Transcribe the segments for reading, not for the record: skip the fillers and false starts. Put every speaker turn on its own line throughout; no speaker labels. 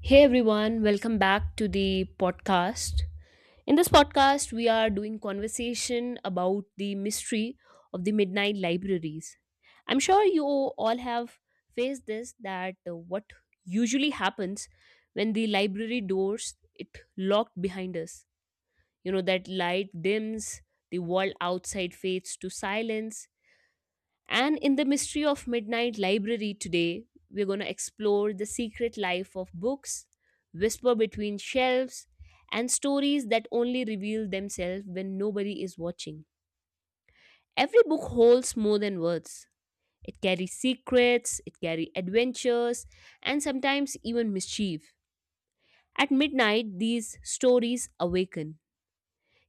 Hey everyone, welcome back to the podcast. In this podcast, we are doing conversation about the mystery of the midnight libraries. I'm sure you all have faced this that what usually happens when the library doors it locked behind us. You know that light dims, the wall outside fades to silence, and in the mystery of Midnight Library today, we're going to explore the secret life of books, whisper between shelves, and stories that only reveal themselves when nobody is watching. Every book holds more than words. It carries secrets, it carries adventures, and sometimes even mischief. At midnight, these stories awaken.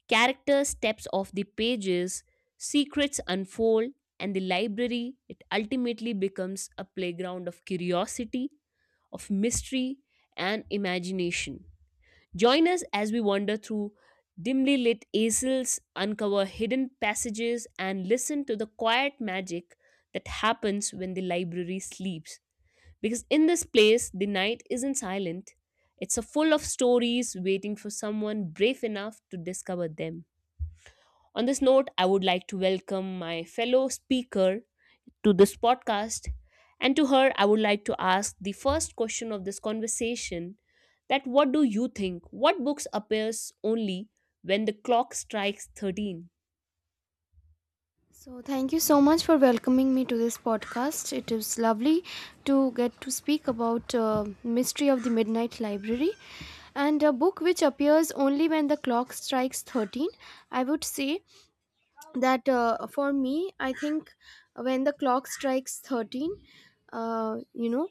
Character steps off the pages, secrets unfold, and the library it ultimately becomes a playground of curiosity, of mystery, and imagination. Join us as we wander through dimly lit aisles, uncover hidden passages, and listen to the quiet magic that happens when the library sleeps. Because in this place, the night isn't silent, it's a full of stories waiting for someone brave enough to discover them. On this note, I would like to welcome my fellow speaker to this podcast. And to her, I would like to ask the first question of this conversation that what do you think? What books appears only when the clock strikes 13?
So, thank you so much for welcoming me to this podcast. It is lovely to get to speak about Mystery of the Midnight Library and a book which appears only when the clock strikes 13. I would say that for me, I think when the clock strikes 13, uh, you know,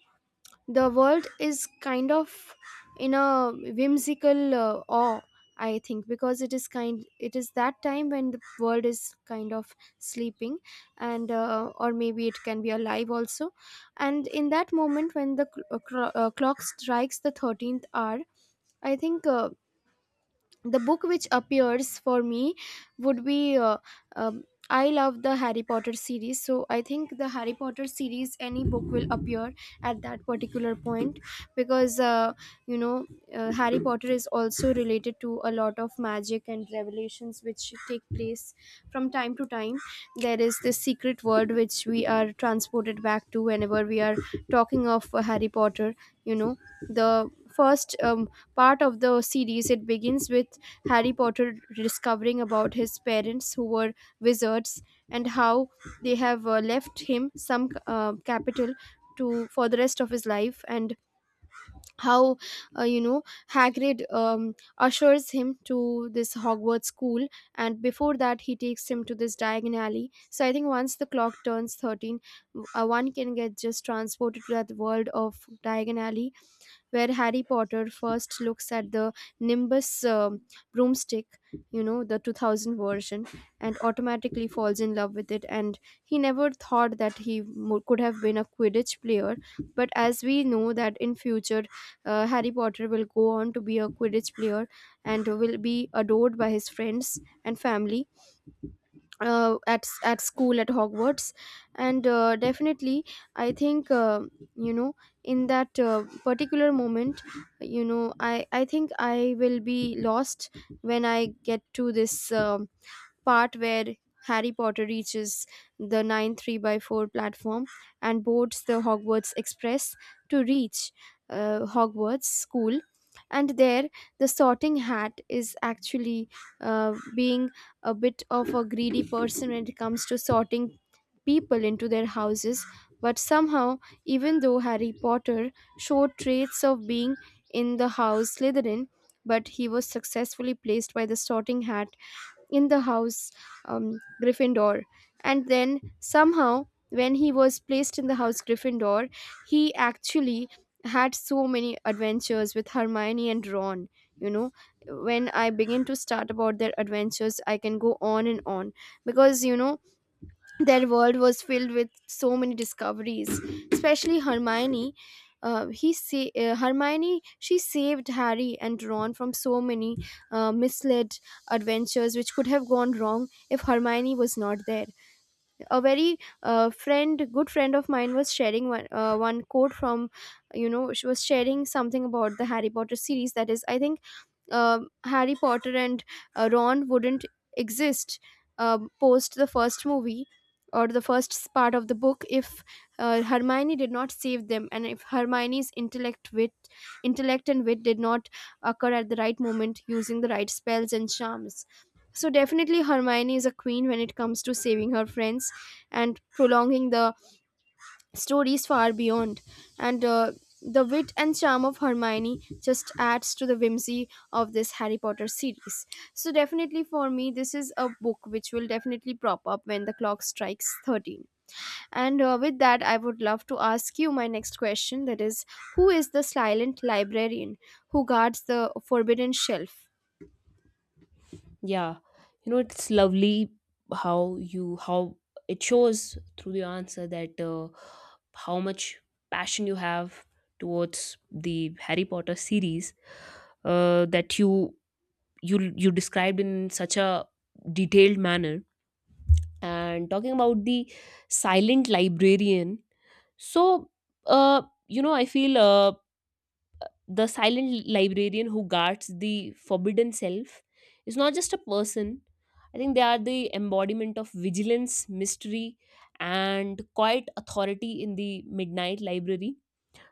the world is kind of in a whimsical awe. I think because it is that time when the world is kind of sleeping, and or maybe it can be alive also. And in that moment when the clock strikes the 13th hour, I think the book which appears for me would be. Um, I love the Harry Potter series, so I think the Harry Potter series, any book will appear at that particular point, because you know Harry Potter is also related to a lot of magic and revelations which take place from time to time. There is this secret world which we are transported back to whenever we are talking of Harry Potter. you know the first part of the series, it begins with Harry Potter discovering about his parents, who were wizards, and how they have left him some capital to for the rest of his life, and how uh, you know Hagrid ushers him to this Hogwarts school. And before that, he takes him to this Diagon Alley. So I think once the clock turns 13, one can get just transported to that world of Diagon Alley, where Harry Potter first looks at the Nimbus broomstick, the 2000 version, and automatically falls in love with it. And he never thought that he could have been a Quidditch player, but as we know that in future, Harry Potter will go on to be a Quidditch player and will be adored by his friends and family, at school at Hogwarts, and definitely I think you know in that particular moment, I think I will be lost when I get to this part where Harry Potter reaches the 9 3/4 platform and boards the Hogwarts Express to reach Hogwarts School. And there, the sorting hat is actually being a bit of a greedy person when it comes to sorting people into their houses. But somehow, even though Harry Potter showed traits of being in the house Slytherin, but he was successfully placed by the sorting hat in the house Gryffindor. And then somehow, when he was placed in the house Gryffindor, he actually had so many adventures with Hermione and Ron. You know, when I begin to start about their adventures, I can go on and on, because their world was filled with so many discoveries, especially Hermione. He sa- Hermione she saved Harry and Ron from so many misled adventures which could have gone wrong if Hermione was not there. A very, good friend of mine was sharing one quote from, she was sharing something about the Harry Potter series. That is, I think Harry Potter and Ron wouldn't exist post the first movie or the first part of the book if Hermione did not save them, and if Hermione's intellect and wit did not occur at the right moment using the right spells and charms. So definitely Hermione is a queen when it comes to saving her friends and prolonging the stories far beyond, and the wit and charm of Hermione just adds to the whimsy of this Harry Potter series. So definitely for me, this is a book which will definitely prop up when the clock strikes 13. And with that, I would love to ask you my next question, that is, who is the silent librarian who guards the forbidden shelf?
Yeah, you know, it's lovely how you, how it shows through the answer that how much passion you have towards the Harry Potter series that you described in such a detailed manner and talking about the silent librarian, so uh you know I feel the silent librarian who guards the forbidden self is not just a person. I think they are the embodiment of vigilance, mystery, and quiet authority in the midnight library.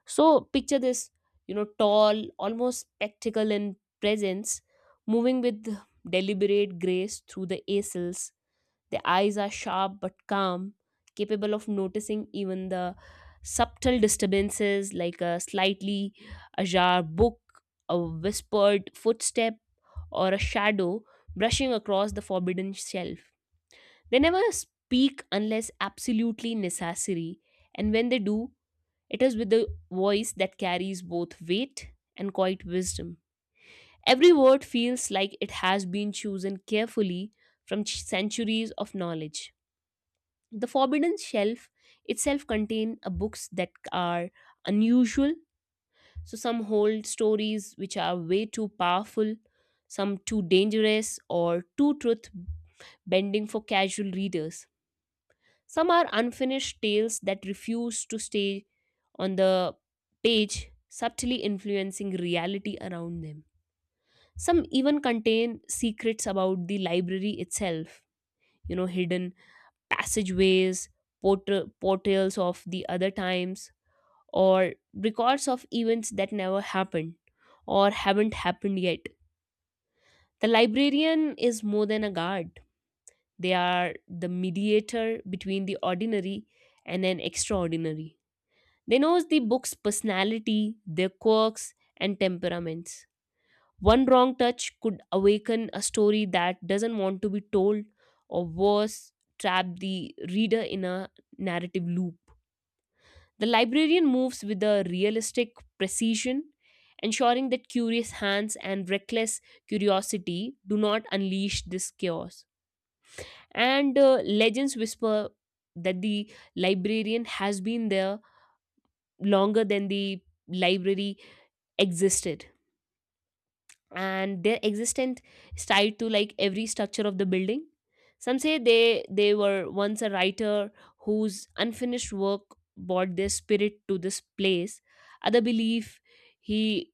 So picture this, you know, tall, almost spectacle in presence, moving with deliberate grace through the acils. The eyes are sharp but calm, capable of noticing even the subtle disturbances like a slightly ajar book, a whispered footstep, or a shadow brushing across the forbidden shelf. They never speak unless absolutely necessary, and when they do, it is with the voice that carries both weight and quiet wisdom. Every word feels like it has been chosen carefully from centuries of knowledge. The Forbidden Shelf itself contains books that are unusual. So some hold stories which are way too powerful, some too dangerous or too truth bending for casual readers. Some are unfinished tales that refuse to stay on the page, subtly influencing reality around them. Some even contain secrets about the library itself, you know, hidden passageways, portrayals of the other times, or records of events that never happened or haven't happened yet. The librarian is more than a guard, they are the mediator between the ordinary and an extraordinary. They knows the book's personality, their quirks, and temperaments. One wrong touch could awaken a story that doesn't want to be told, or worse, trap the reader in a narrative loop. The librarian moves with a realistic precision, ensuring that curious hands and reckless curiosity do not unleash this chaos. And legends whisper that the librarian has been there longer than the library existed, and their existence is tied to like every structure of the building. Some say they were once a writer whose unfinished work brought their spirit to this place. Other believe he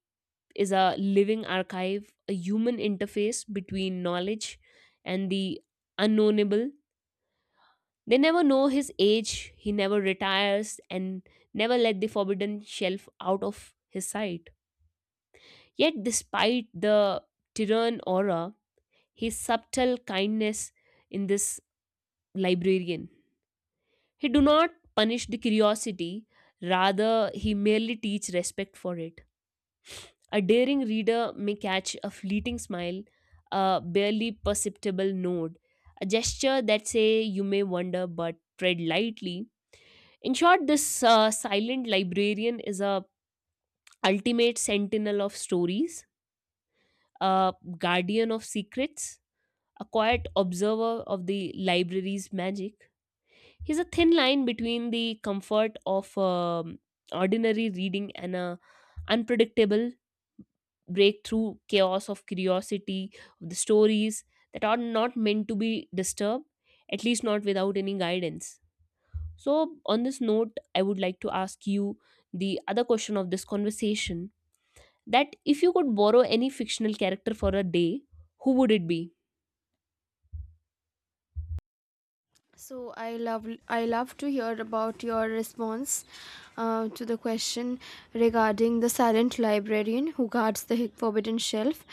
is a living archive, a human interface between knowledge and the unknownable. They never know his age, he never retires, and never let the forbidden shelf out of his sight. Yet, despite the Tyrion aura, his subtle kindness in this librarian. He do not punish the curiosity, rather he merely teach respect for it. A daring reader may catch a fleeting smile, a barely perceptible nod, a gesture that say you may wonder but tread lightly. In short, this silent librarian is a ultimate sentinel of stories, a guardian of secrets, a quiet observer of the library's magic. He's a thin line between the comfort of ordinary reading and a unpredictable breakthrough chaos of curiosity of the stories that are not meant to be disturbed, at least not without any guidance. So, on this note, I would like to ask you the other question of this conversation, that if you could borrow any fictional character for a day, who would it be?
So I love to hear about your response to the question regarding the silent librarian who guards the forbidden shelf.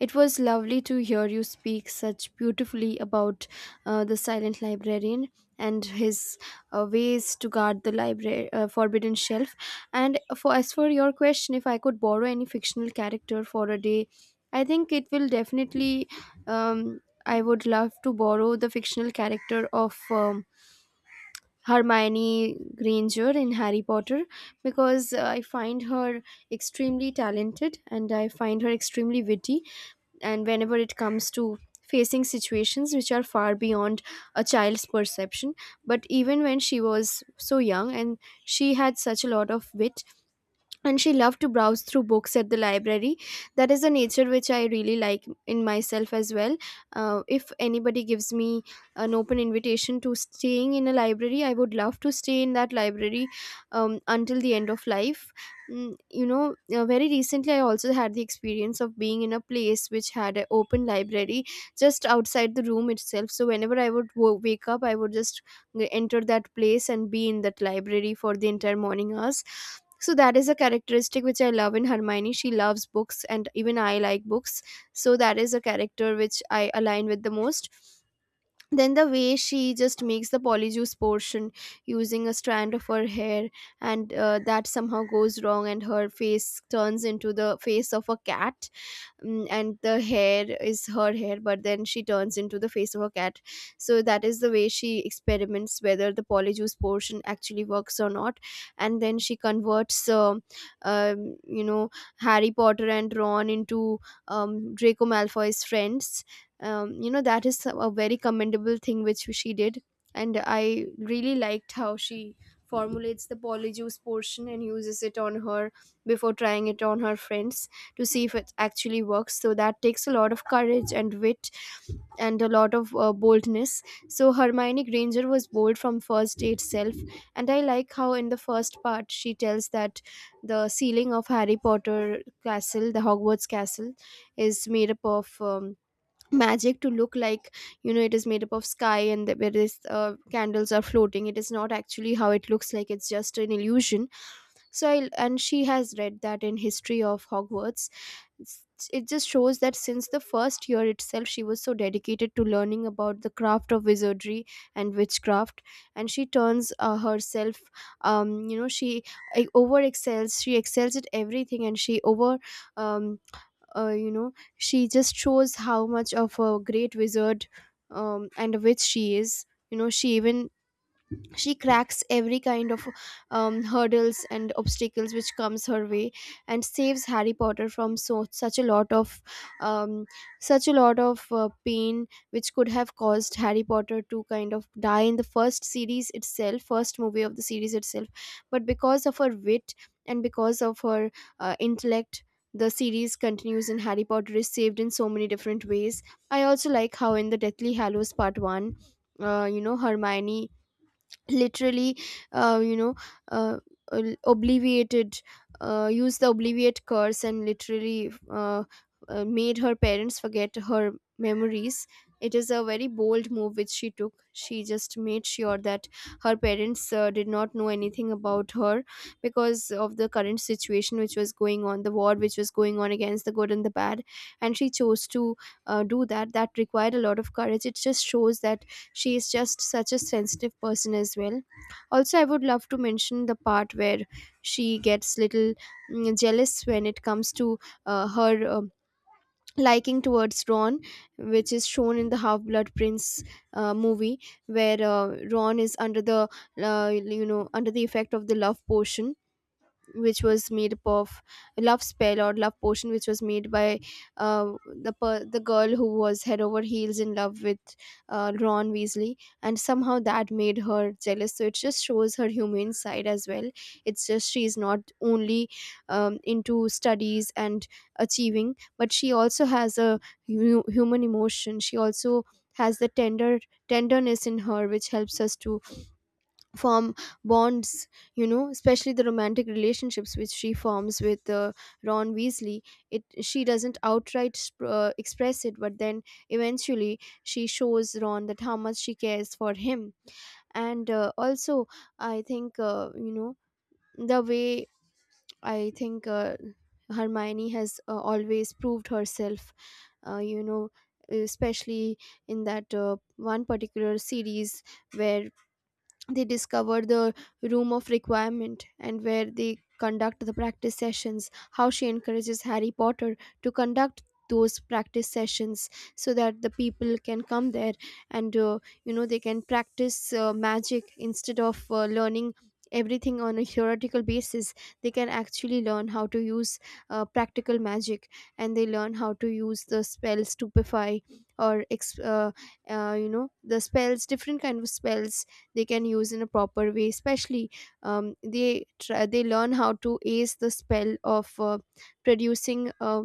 It was lovely to hear you speak such beautifully about the silent librarian and his ways to guard the library, forbidden shelf. And for as for your question, if I could borrow any fictional character for a day, I think it will definitely. Um, I would love to borrow the fictional character of Hermione Granger in Harry Potter, because I find her extremely talented and I find her extremely witty. And whenever it comes to facing situations which are far beyond a child's perception, but even when she was so young, and she had such a lot of wit, and she loved to browse through books at the library. That is a nature which I really like in myself as well. If anybody gives me an open invitation to staying in a library, I would love to stay in that library until the end of life. Very recently, I also had the experience of being in a place which had an open library just outside the room itself, so whenever I would wake up, I would just enter that place and be in that library for the entire morning hours. So that is a characteristic which I love in Hermione. She loves books, and even I like books, so that is a character which I align with the most. Then the way she just makes the polyjuice portion using a strand of her hair, and that somehow goes wrong and her face turns into the face of a cat. And the hair is her hair, but then she turns into the face of a cat. So that is the way she experiments whether the polyjuice portion actually works or not. And then she converts um, you know Harry Potter and Ron into Draco Malfoy's friends. That is a very commendable thing which she did, and I really liked how she formulates the polyjuice portion and uses it on her before trying it on her friends to see if it actually works. So that takes a lot of courage and wit, and a lot of boldness. So Hermione Granger was bold from first day itself, and I like how in the first part she tells that the ceiling of Harry Potter castle, the Hogwarts castle, is made up of magic to look like, it is made up of sky, and where this candles are floating, it is not actually how it looks like, it's just an illusion. And she has read that in history of Hogwarts. It just shows that since the first year itself, she was so dedicated to learning about the craft of wizardry and witchcraft. And she turns herself, um, you know she she excels at everything, and she over um, you know she just shows how much of a great wizard and a witch she is. You know she even she cracks every kind of hurdles and obstacles which comes her way, and saves Harry Potter from such a lot of um, pain which could have caused Harry Potter to kind of die in the first series itself, first movie of the series itself. But because of her wit and because of her intellect, the series continues and Harry Potter is saved in so many different ways. I also like how in the Deathly Hallows Part 1, Hermione literally, uh, you know uh, obliviated, used the obliviate curse, and literally made her parents forget her memories. It is a very bold move which she took. She just made sure that her parents did not know anything about her because of the current situation which was going on, the war which was going on against the good and the bad. And she chose to do that. That required a lot of courage. It just shows that she is just such a sensitive person as well. Also, I would love to mention the part where she gets little jealous when it comes to her liking towards Ron, which is shown in the Half Blood Prince movie, where Ron is under the effect of the love potion, which was made up of love spell or love potion, which was made by uh, the girl who was head over heels in love with Ron Weasley, and somehow that made her jealous, so it just shows her human side as well. It's just she's not only into studies and achieving, but she also has a human emotion. She also has the tenderness in her which helps us to form bonds, especially the romantic relationships which she forms with Ron Weasley. It, she doesn't outright express it, but then eventually she shows Ron that how much she cares for him. And also I think you know the way I think Hermione has always proved herself, uh, you know especially in that one particular series where they discover the Room of Requirement, and where they conduct the practice sessions, how she encourages Harry Potter to conduct those practice sessions so that the people can come there and, they can practice magic instead of learning everything on a theoretical basis. They can actually learn how to use practical magic, and they learn how to use the spell Stupefy, or the spells, different kind of spells they can use in a proper way. Especially they try, they learn how to ace the spell of producing a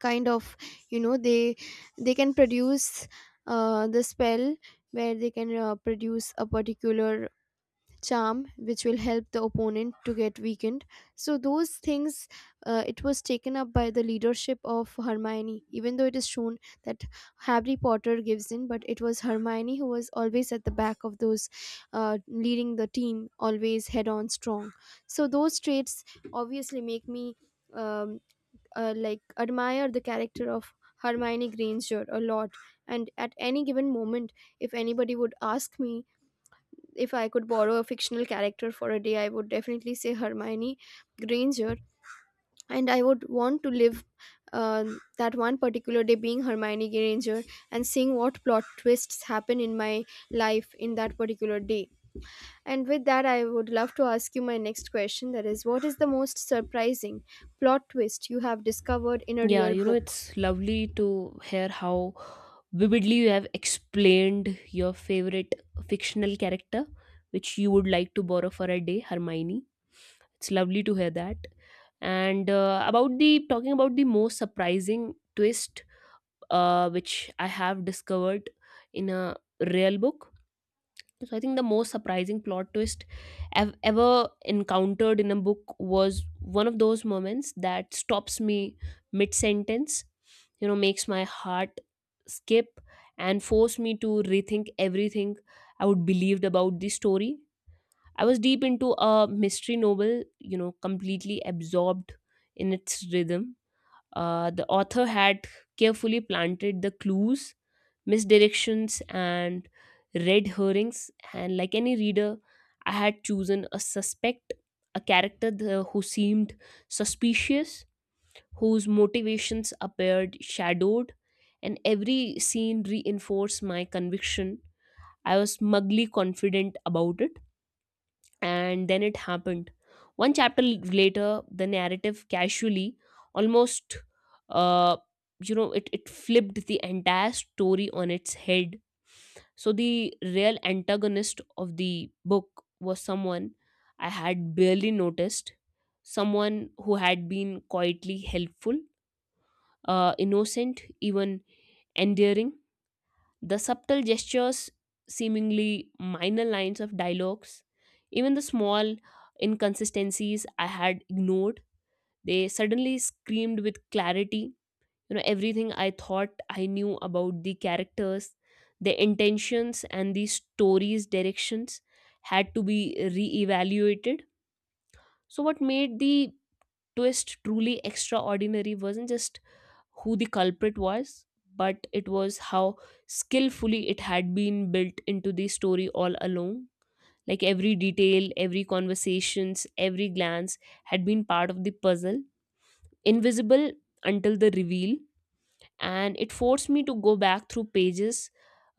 kind of, you know they they can produce the spell where they can produce a particular charm which will help the opponent to get weakened. So those things, it was taken up by the leadership of Hermione, even though it is shown that Harry Potter gives in, but it was Hermione who was always at the back of those, leading the team, always head on strong. So those traits obviously make me um, like admire the character of Hermione Granger a lot. And at any given moment, if anybody would ask me, if I could borrow a fictional character for a day, I would definitely say Hermione Granger, and I would want to live uh, that one particular day being Hermione Granger, and seeing what plot twists happen in my life in that particular day. And with that, I would love to ask you my next question, that is, what is the most surprising plot twist you have discovered in a
Yeah,
real
you know,
book?
it's lovely to hear how vividly you have explained your favorite fictional character, which you would like to borrow for a day, Hermione. It's lovely to hear that. And about the talking about the most surprising twist, which I have discovered in a real book, so I think the most surprising plot twist I've ever encountered in a book was one of those moments that stops me mid sentence, you know, makes my heart skip and force me to rethink everything I would believed about the story. I was deep into a mystery novel, you know, completely absorbed in its rhythm. The author had carefully planted the clues, misdirections, and red herrings, and like any reader I had chosen a suspect, a character who seemed suspicious, whose motivations appeared shadowed, and every scene reinforced my conviction. I was smugly confident about it, and then it happened. One chapter later, the narrative casually, almost, uh, you know, it flipped the entire story on its head. So the real antagonist of the book was someone I had barely noticed, someone who had been quietly helpful, innocent, even endearing. The subtle gestures, seemingly minor lines of dialogues, even the small inconsistencies I had ignored, they suddenly screamed with clarity. You know, everything I thought I knew about the characters, their intentions, and the story's directions had to be reevaluated. So, what made the twist truly extraordinary wasn't just who the culprit was, but it was how skillfully it had been built into the story all along. Like every detail, every conversations, every glance had been part of the puzzle, invisible until the reveal. And it forced me to go back through pages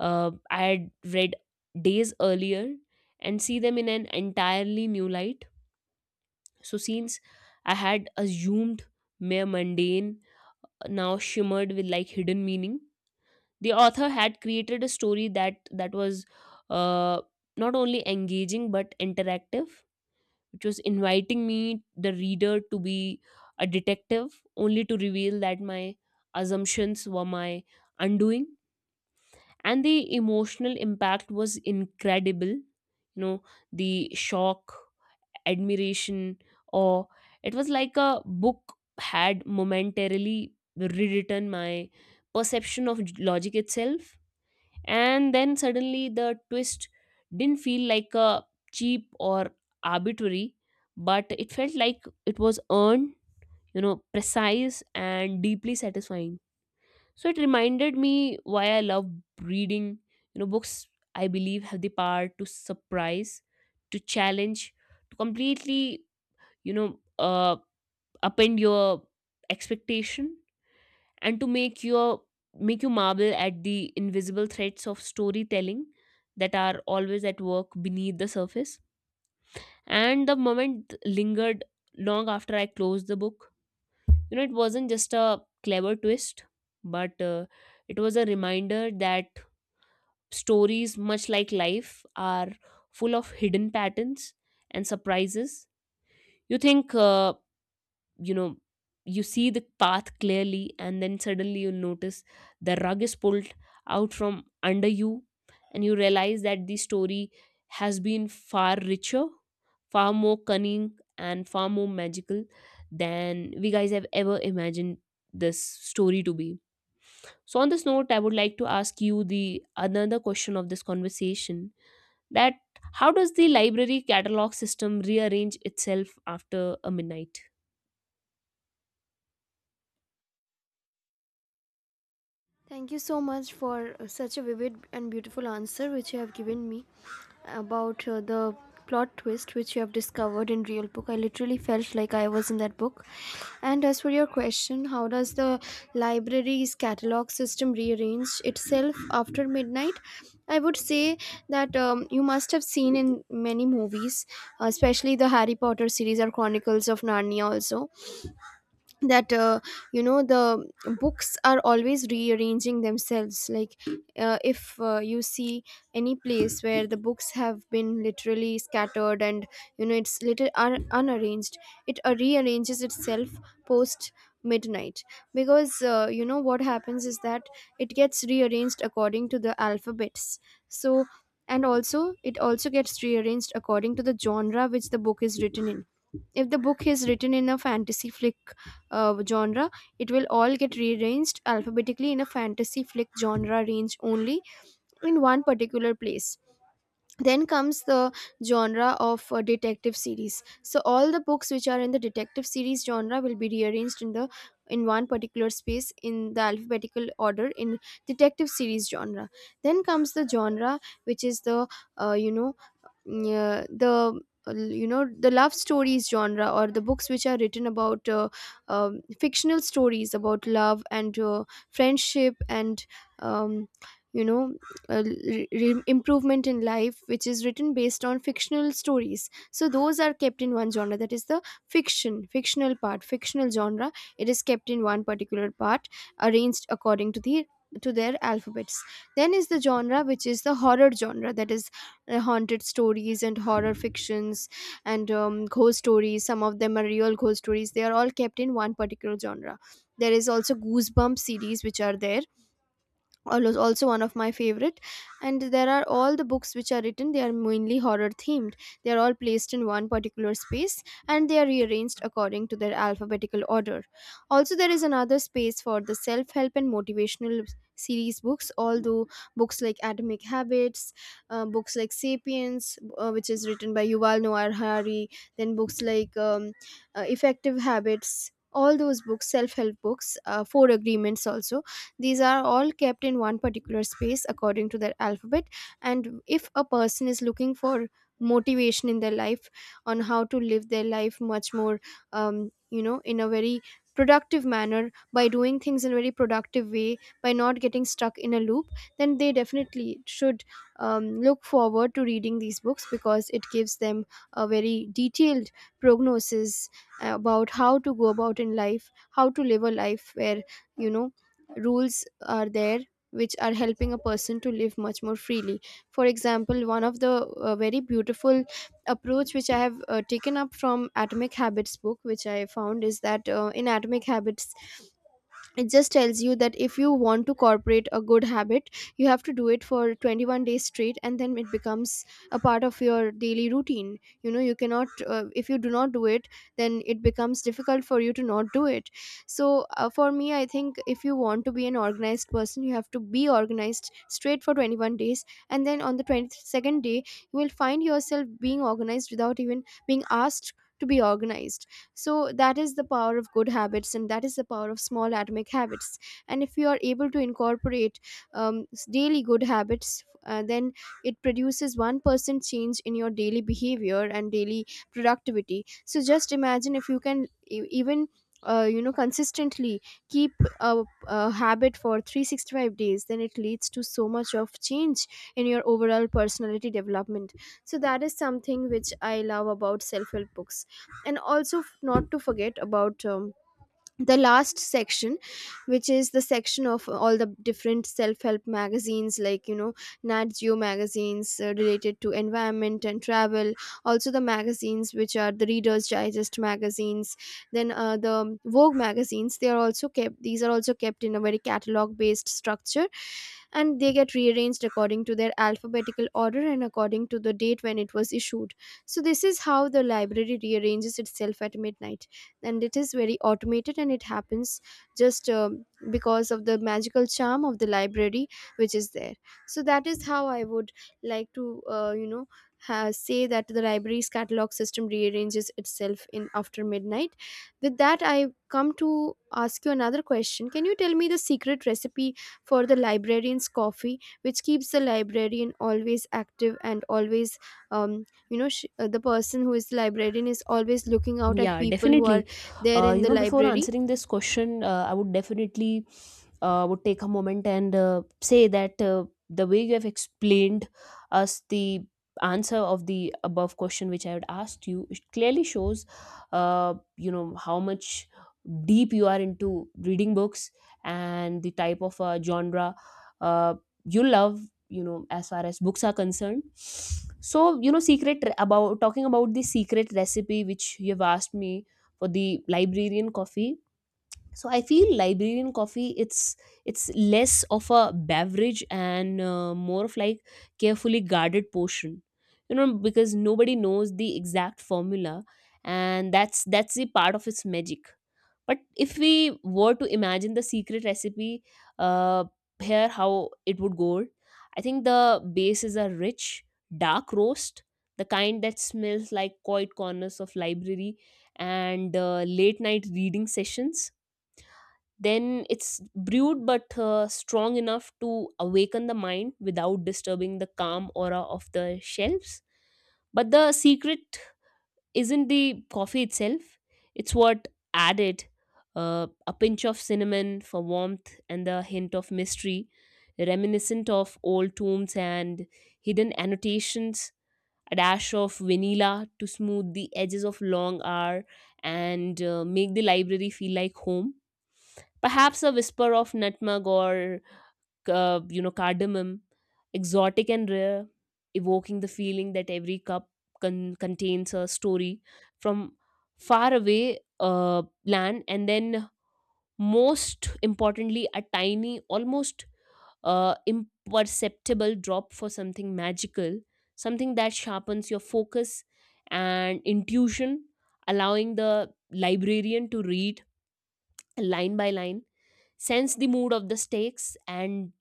I had read days earlier and see them in an entirely new light. So scenes I had assumed mere mundane now shimmered with like hidden meaning. The author had created a story that was uh, not only engaging but interactive, which was inviting me the reader to be a detective, only to reveal that my assumptions were my undoing. And the emotional impact was incredible, you know, the shock, admiration, or it was like a book had momentarily rewritten my perception of logic itself. And then suddenly the twist didn't feel like a cheap or arbitrary, but it felt like it was earned, you know, precise and deeply satisfying. So it reminded me why I love reading. You know, books I believe have the power to surprise, to challenge, to completely, you know, upend your expectation, and to make your make you marvel at the invisible threads of storytelling that are always at work beneath the surface. And the moment lingered long after I closed the book. You know, it wasn't just a clever twist, but it was a reminder that stories, much like life, are full of hidden patterns and surprises. You think you know, you see the path clearly, and then suddenly you notice the rug is pulled out from under you, and you realize that the story has been far richer, far more cunning, and far more magical than we guys have ever imagined this story to be. So on this note, I would like to ask you the another question of this conversation, that how does the library catalog system rearrange itself after a midnight?
Thank you so much for such a vivid and beautiful answer which you have given me about the plot twist which you have discovered in real book. I literally felt like I was in that book. And as for your question, how does the library's catalog system rearrange itself after midnight? I would say that you must have seen in many movies, especially the Harry Potter series or Chronicles of Narnia also, that the books are always rearranging themselves. Like if you see any place where the books have been literally scattered and, it's little unarranged, it rearranges itself post midnight. Because, what happens is that it gets rearranged according to the alphabets. So, and also it also gets rearranged according to the genre which the book is written in. If the book is written in a fantasy flick genre, it will all get rearranged alphabetically in a fantasy flick genre range only in one particular place. Then comes the genre of detective series. So all the books which are in the detective series genre will be rearranged in the, in one particular space in the alphabetical order in detective series genre. Then comes the genre which is the, uh, you know yeah, the, the love stories genre, or the books which are written about fictional stories about love and friendship and um, you know improvement in life which is written based on fictional stories. So those are kept in one genre, that is the fiction fictional part fictional genre. It is kept in one particular part, arranged according to the, to their alphabets. Then is the genre which is the horror genre, that is haunted stories and horror fictions and ghost stories. Some of them are real ghost stories. They are all kept in one particular genre. There is also Goosebump series, which are there, was also one of my favorite, and there are all the books which are written, they are mainly horror themed, they are all placed in one particular space, and they are rearranged according to their alphabetical order. Also there is another space for the self help and motivational series books, although books like Atomic Habits, books like Sapiens, which is written by Yuval Noah Harari, then books like Effective Habits, all those books, self help books, Four Agreements also, these are all kept in one particular space according to their alphabet. And if a person is looking for motivation in their life on how to live their life much more, in a very productive manner, by doing things in a very productive way, by not getting stuck in a loop, then they definitely should look forward to reading these books, because it gives them a very detailed prognosis about how to go about in life, how to live a life where, you know rules are there which are helping a person to live much more freely. For example, one of the very beautiful approach which I have taken up from Atomic Habits book which I found is that, in Atomic Habits, it just tells you that if you want to incorporate a good habit, you have to do it for 21 days straight and then it becomes a part of your daily routine. You know, you cannot, if you do not do it, then it becomes difficult for you to not do it. So for me, I think if you want to be an organized person, you have to be organized straight for 21 days, and then on the 22nd day you will find yourself being organized without even being asked to be organized. So that is the power of good habits, and that is the power of small atomic habits. And if you are able to incorporate daily good habits, then it produces 1% change in your daily behavior and daily productivity. So just imagine if you can even, consistently keep a habit for 365 days, then it leads to so much of change in your overall personality development. So that is something which I love about self-help books. And also, not to forget about the last section, which is the section of all the different self-help magazines, like, Nat Geo magazines related to environment and travel, also the magazines which are the Readers Digest magazines, then the Vogue magazines, they are also kept, these are also kept in a very catalog based structure, and they get rearranged according to their alphabetical order and according to the date when it was issued. So this is how the library rearranges itself at midnight, and it is very automated, and it happens just because of the magical charm of the library which is there. So that is how I would like to, say that the library's catalog system rearranges itself in after midnight. With that, I come to ask you another question. Can you tell me the secret recipe for the librarian's coffee, which keeps the librarian always active and always, um, the person who is the librarian is always looking out at
Yeah,
people who are
definitely.
there in
You
the
know, before
library.
answering this question, I would definitely would take a moment and say that the way you have explained us the answer of the above question which I had asked you, it clearly shows, you know, how much deep you are into reading books and the type of genre uh, you love, you know, as far as books are concerned. So you know, secret about talking about the secret recipe which you've asked me for the librarian coffee, so I feel librarian coffee, it's less of a beverage and more of like carefully guarded portion, you know, because nobody knows the exact formula, and that's the part of its magic. But if we were to imagine the secret recipe, uh, here how it would go. I think the base is a rich dark roast, the kind that smells like quiet corners of library and late night reading sessions. Then it's brewed but strong enough to awaken the mind without disturbing the calm aura of the shelves. But the secret isn't the coffee itself, it's what added: a pinch of cinnamon for warmth and the hint of mystery, reminiscent of old tombs and hidden annotations; a dash of vanilla to smooth the edges of long hour and make the library feel like home. Perhaps a whisper of nutmeg or, you know, cardamom, exotic and rare, evoking the feeling that every cup contains a story from far away land. And then, most importantly, a tiny, almost imperceptible drop for something magical, something that sharpens your focus and intuition, allowing the librarian to read line by line, sense the mood of the stakes, and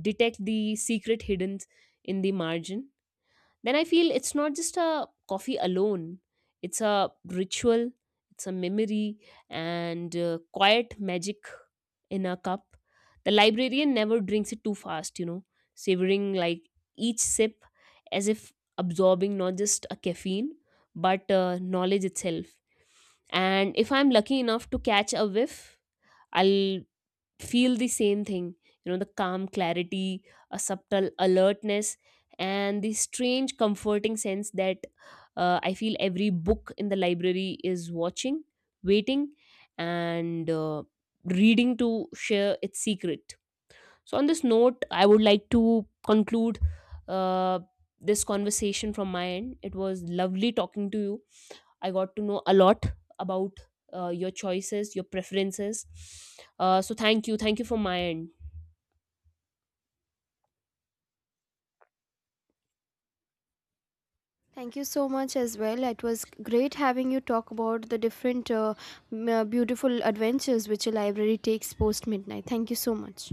detect the secret hidden in the margin. Then I feel it's not just a coffee alone, it's a ritual, it's a memory, and quiet magic in a cup. The librarian never drinks it too fast, you know, savoring like each sip as if absorbing not just a caffeine but knowledge itself. And if I'm lucky enough to catch a whiff, I'll feel the same thing, you know, the calm clarity, a subtle alertness, and the strange comforting sense that I feel every book in the library is watching, waiting, and reading to share its secret. So, on this note, I would like to conclude uh, this conversation from my end. It was lovely talking to you. I got to know a lot about your choices, your preferences. So thank you. Thank you for my end.
Thank you so much as well. It was great having you talk about the different beautiful adventures which a library takes post midnight. Thank you so much.